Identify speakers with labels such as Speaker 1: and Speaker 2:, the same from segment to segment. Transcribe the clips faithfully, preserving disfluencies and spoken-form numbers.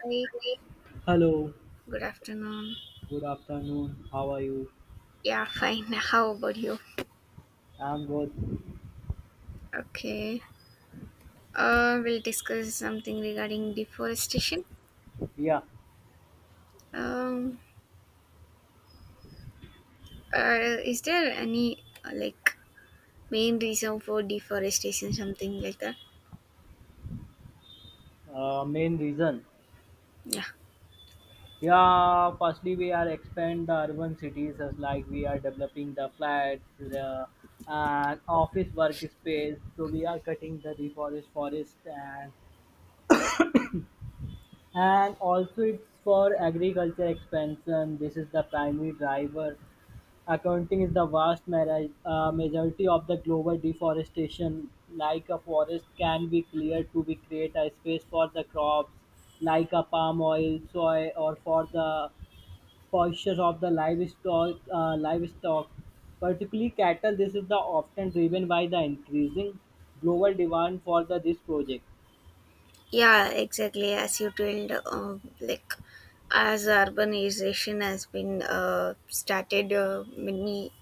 Speaker 1: Hi,
Speaker 2: Hello,
Speaker 1: good afternoon.
Speaker 2: good afternoon. How are you?
Speaker 1: Yeah, fine. How about you?
Speaker 2: I'm good.
Speaker 1: Okay. Uh, we'll discuss something regarding deforestation.
Speaker 2: Yeah,
Speaker 1: Um, uh, is there any uh, like main reason for deforestation, something like that?
Speaker 2: uh, main reason.
Speaker 1: Yeah.
Speaker 2: Yeah, firstly we are expand the urban cities as like we are developing the flats, the and office workspace. So we are cutting the reforest forest and and also it's for agriculture expansion. This is the primary driver. Accounting is the vast mari- uh, majority of the global deforestation. Like a forest can be cleared to be create a space for the crops, like a palm oil, soy, or for the pastures of the livestock. Uh, livestock, particularly cattle, this is the often driven by the increasing global demand for the this project.
Speaker 1: Yeah, exactly. As you told, uh, like as urbanization has been uh, started, uh, many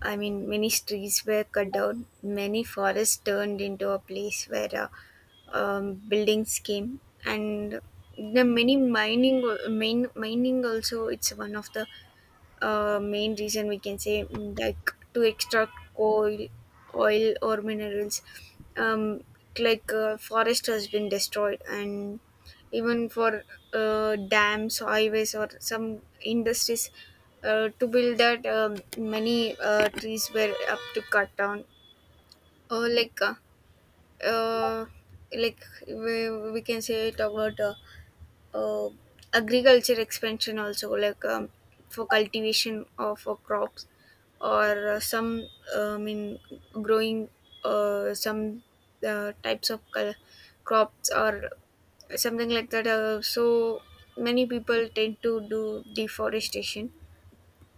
Speaker 1: I mean many trees were cut down, many forests turned into a place where uh, um, building scheme and the many mining main mining also, it's one of the uh, main reason, we can say. Mm, like, to extract oil oil or minerals, um, like uh, forest has been destroyed, and even for uh, dams, highways, or some industries. Uh, to build that, um, many uh, trees were up to cut down, or like uh, uh, like we, we can say, talk about uh, uh, agriculture expansion also, like, um, for cultivation of uh, crops or uh, some, uh, i mean growing uh, some uh, types of col- crops or something like that. Uh, so many people tend to do deforestation,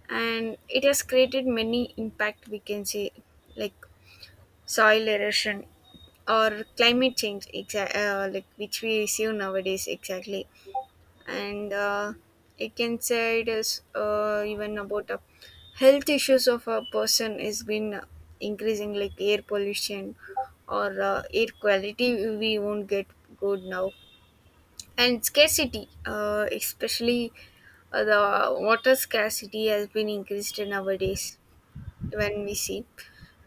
Speaker 1: and it has created many impact, we can say, like soil erosion or climate change, exa- uh, like, which we receive nowadays exactly. And uh, I can say it is, uh, even about uh, health issues of a person is been increasing, like air pollution or uh, air quality we won't get good now, and scarcity, uh, especially uh, the water scarcity has been increased nowadays. When we see,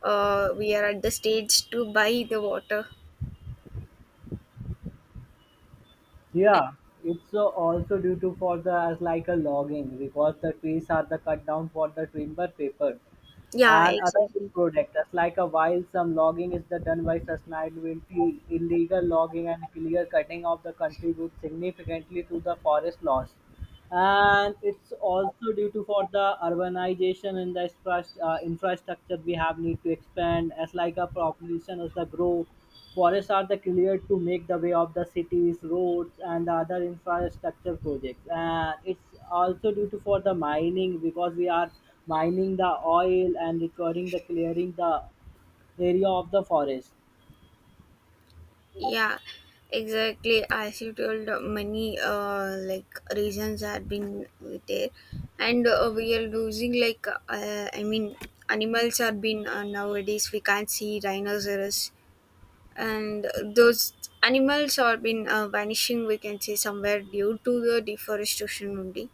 Speaker 1: uh, we are at the stage to buy the water.
Speaker 2: Yeah, it's uh, also due to for the as like a logging because the trees are the cut down for the timber paper
Speaker 1: Yeah,
Speaker 2: and other
Speaker 1: exactly.
Speaker 2: product. As like a while some logging is the done by sustainability, illegal logging and clear cutting of the contribute significantly to the forest loss. And it's also due to for the urbanization and the infra- uh, infrastructure we have need to expand as like a population as the grow forests are the cleared to make the way of the cities roads and the other infrastructure projects. And it's also due to for the mining because we are mining the oil and recording the clearing the area of the forest.
Speaker 1: Yeah, exactly. As you told, uh, many uh, like reasons have been there, and uh, we are losing, like, uh, I mean, animals are been uh, nowadays. We can't see rhinoceros, and those animals are been uh, vanishing, we can say, somewhere due to the deforestation only.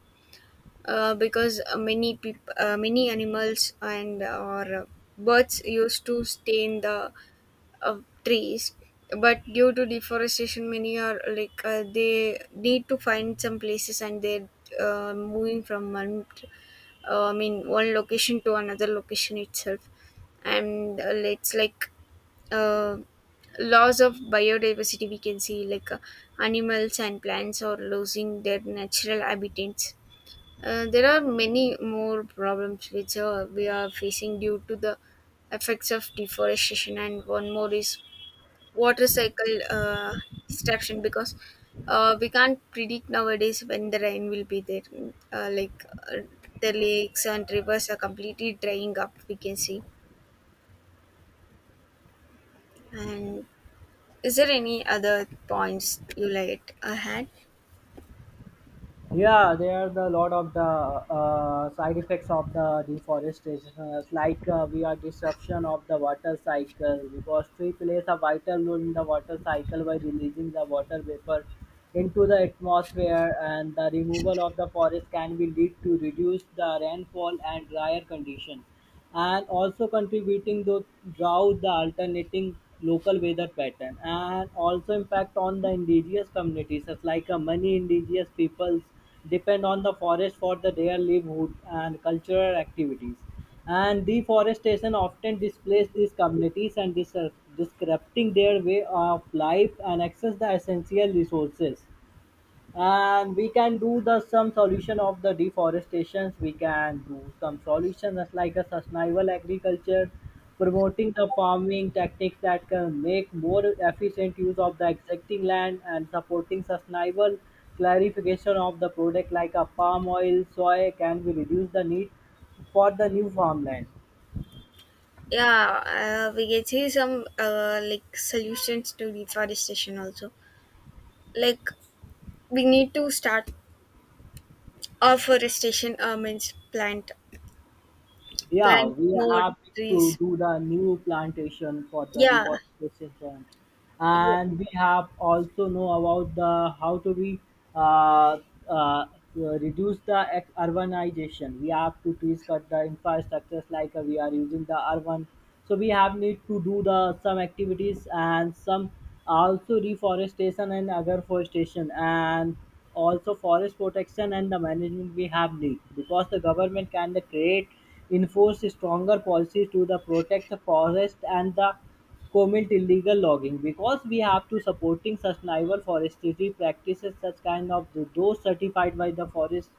Speaker 1: Uh, because uh, many peop- uh, many animals and or uh, birds used to stay in the of trees, but due to deforestation many are, like, uh, they need to find some places, and they're uh, moving from one uh, I mean one location to another location itself. And uh, it's like uh, loss of biodiversity, we can see, like, uh, animals and plants are losing their natural habitats. Uh, there are many more problems which uh, we are facing due to the effects of deforestation, and one more is water cycle uh, disruption, because uh, we can't predict nowadays when the rain will be there. Uh, like uh, the lakes and rivers are completely drying up, we can see. And is there any other points you like ahead?
Speaker 2: Yeah, there are the lot of the uh, side effects of the deforestation, uh, like uh, we are disruption of the water cycle because tree plays a vital role in the water cycle by releasing the water vapor into the atmosphere, and the removal of the forest can be lead to reduce the rainfall and drier condition and also contributing to drought, the alternating local weather pattern, and also impact on the indigenous communities, such like uh, many indigenous peoples depend on the forest for the their livelihood and cultural activities. And deforestation often displaces these communities and dis- disrupting their way of life and access the essential resources. And we can do the some solution of the deforestation. We can do some solutions as like a sustainable agriculture promoting the farming techniques that can make more efficient use of the existing land and supporting sustainable clarification of the product like a palm oil soy can we reduce the need for the new farmland.
Speaker 1: Yeah, uh, we can see some uh, like solutions to deforestation also. Like, we need to start our forestation, uh, means plant
Speaker 2: Yeah,
Speaker 1: plant
Speaker 2: we
Speaker 1: more
Speaker 2: have to
Speaker 1: trees.
Speaker 2: do the new plantation for the
Speaker 1: Yeah,
Speaker 2: deforestation.
Speaker 1: yeah.
Speaker 2: And we have also know about the how to be uh, uh, reduce the ex- urbanization we have to trees cut the infrastructures like uh, we are using the urban, so we have need to do the some activities and some also reforestation and agroforestation and also forest protection and the management we have need because the government can create enforce stronger policies to the protect the forest and the commit illegal logging because we have to supporting sustainable forestry practices such kind of th- those certified by the forest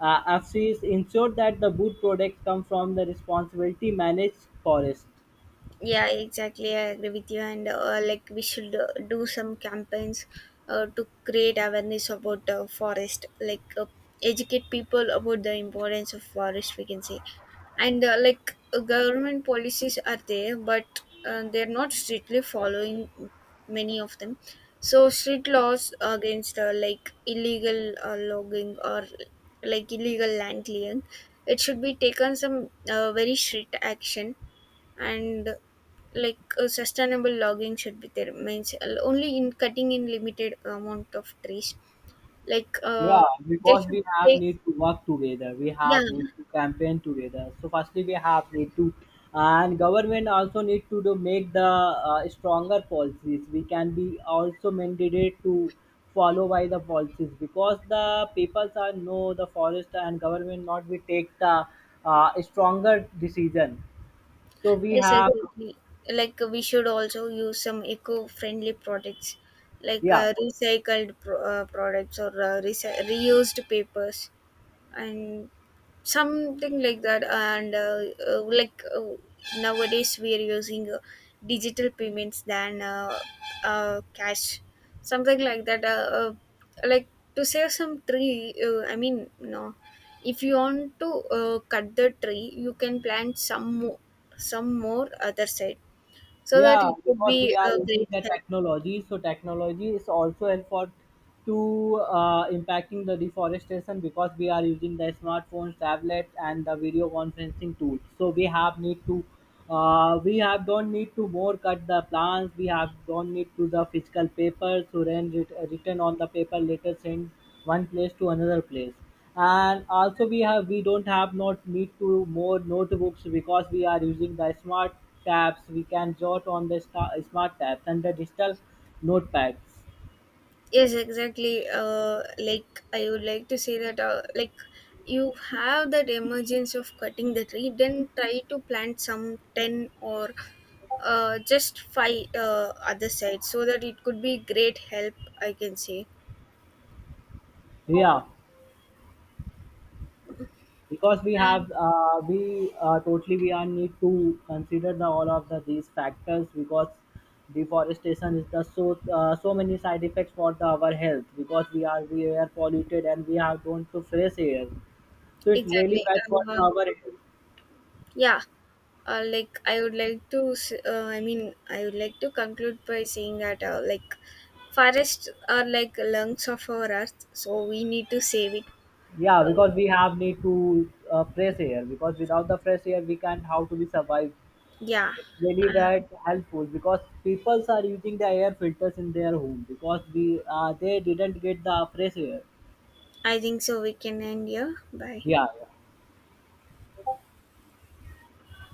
Speaker 2: uh, F Cs ensure that the wood products come from the responsibility managed forest.
Speaker 1: Yeah, exactly. I agree with you. And uh, like, we should uh, do some campaigns uh, to create awareness about uh, forest, like, uh, educate people about the importance of forest, we can say. And uh, like uh, government policies are there, but uh, they're not strictly following many of them. So strict laws against, uh, like, illegal uh, logging or like illegal land clearing, it should be taken some uh, very strict action. And like, uh, sustainable logging should be there, means uh, only in cutting in limited amount of trees, like uh,
Speaker 2: Yeah,
Speaker 1: they
Speaker 2: because
Speaker 1: should
Speaker 2: we have
Speaker 1: take,
Speaker 2: need to work together. We
Speaker 1: yeah.
Speaker 2: have need to campaign together. So firstly, we have need to, and government also need to do make the uh, stronger policies. We can be also mandated to follow by the policies because the peoples are know the forest and government not we take the uh, stronger decision. So we
Speaker 1: Yes,
Speaker 2: have.
Speaker 1: exactly, like, uh, we should also use some eco-friendly products, like
Speaker 2: Yeah.
Speaker 1: uh, recycled pro- uh, products or uh, reci- reused papers and something like that. And uh, uh, like, uh, nowadays we are using uh, digital payments than uh, uh, cash, something like that. Uh, uh, like, to save some tree, uh, i mean no, if you want to uh, cut the tree, you can plant some more, some more other side, so that
Speaker 2: Yeah,
Speaker 1: it could
Speaker 2: because
Speaker 1: be
Speaker 2: we
Speaker 1: a
Speaker 2: are using
Speaker 1: great
Speaker 2: the
Speaker 1: help.
Speaker 2: technology, so technology is also helpful to uh, impacting the deforestation because we are using the smartphones, tablets, and the video conferencing tools. So we have need to, uh, we have don't need to more cut the plants. We have don't need to the physical paper, so then writ- written on the paper later send one place to another place. And also we have we don't have not need to more notebooks because we are using the smart tabs. We can jot on the sta- smart tabs and the digital notepads.
Speaker 1: Yes, exactly. Uh, like, I would like to say that, uh, like, you have that emergence of cutting the tree, then try to plant some ten or uh, just five uh, other sides, so that it could be great help, I can say.
Speaker 2: Yeah, because we
Speaker 1: And
Speaker 2: have uh, we uh, totally we are need to consider the all of the these factors because deforestation is the so uh, so many side effects for the our health because we are we are polluted and we have don't to fresh air, so it's really
Speaker 1: exactly.
Speaker 2: bad for
Speaker 1: Uh,
Speaker 2: the, our health.
Speaker 1: yeah. Uh, like, I would like to. s- Uh, I mean, I would like to conclude by saying that, uh, like, forests are like lungs of our earth, so we need to save it.
Speaker 2: Yeah,
Speaker 1: Uh,
Speaker 2: because we have need to uh, fresh air. Because without the fresh air, we can't how to be survive.
Speaker 1: Yeah,
Speaker 2: It's really
Speaker 1: uh,
Speaker 2: bad helpful because people are using the air filters in their home because we uh, they didn't get the fresh air.
Speaker 1: I think so. We can end here. Bye.
Speaker 2: Yeah, yeah.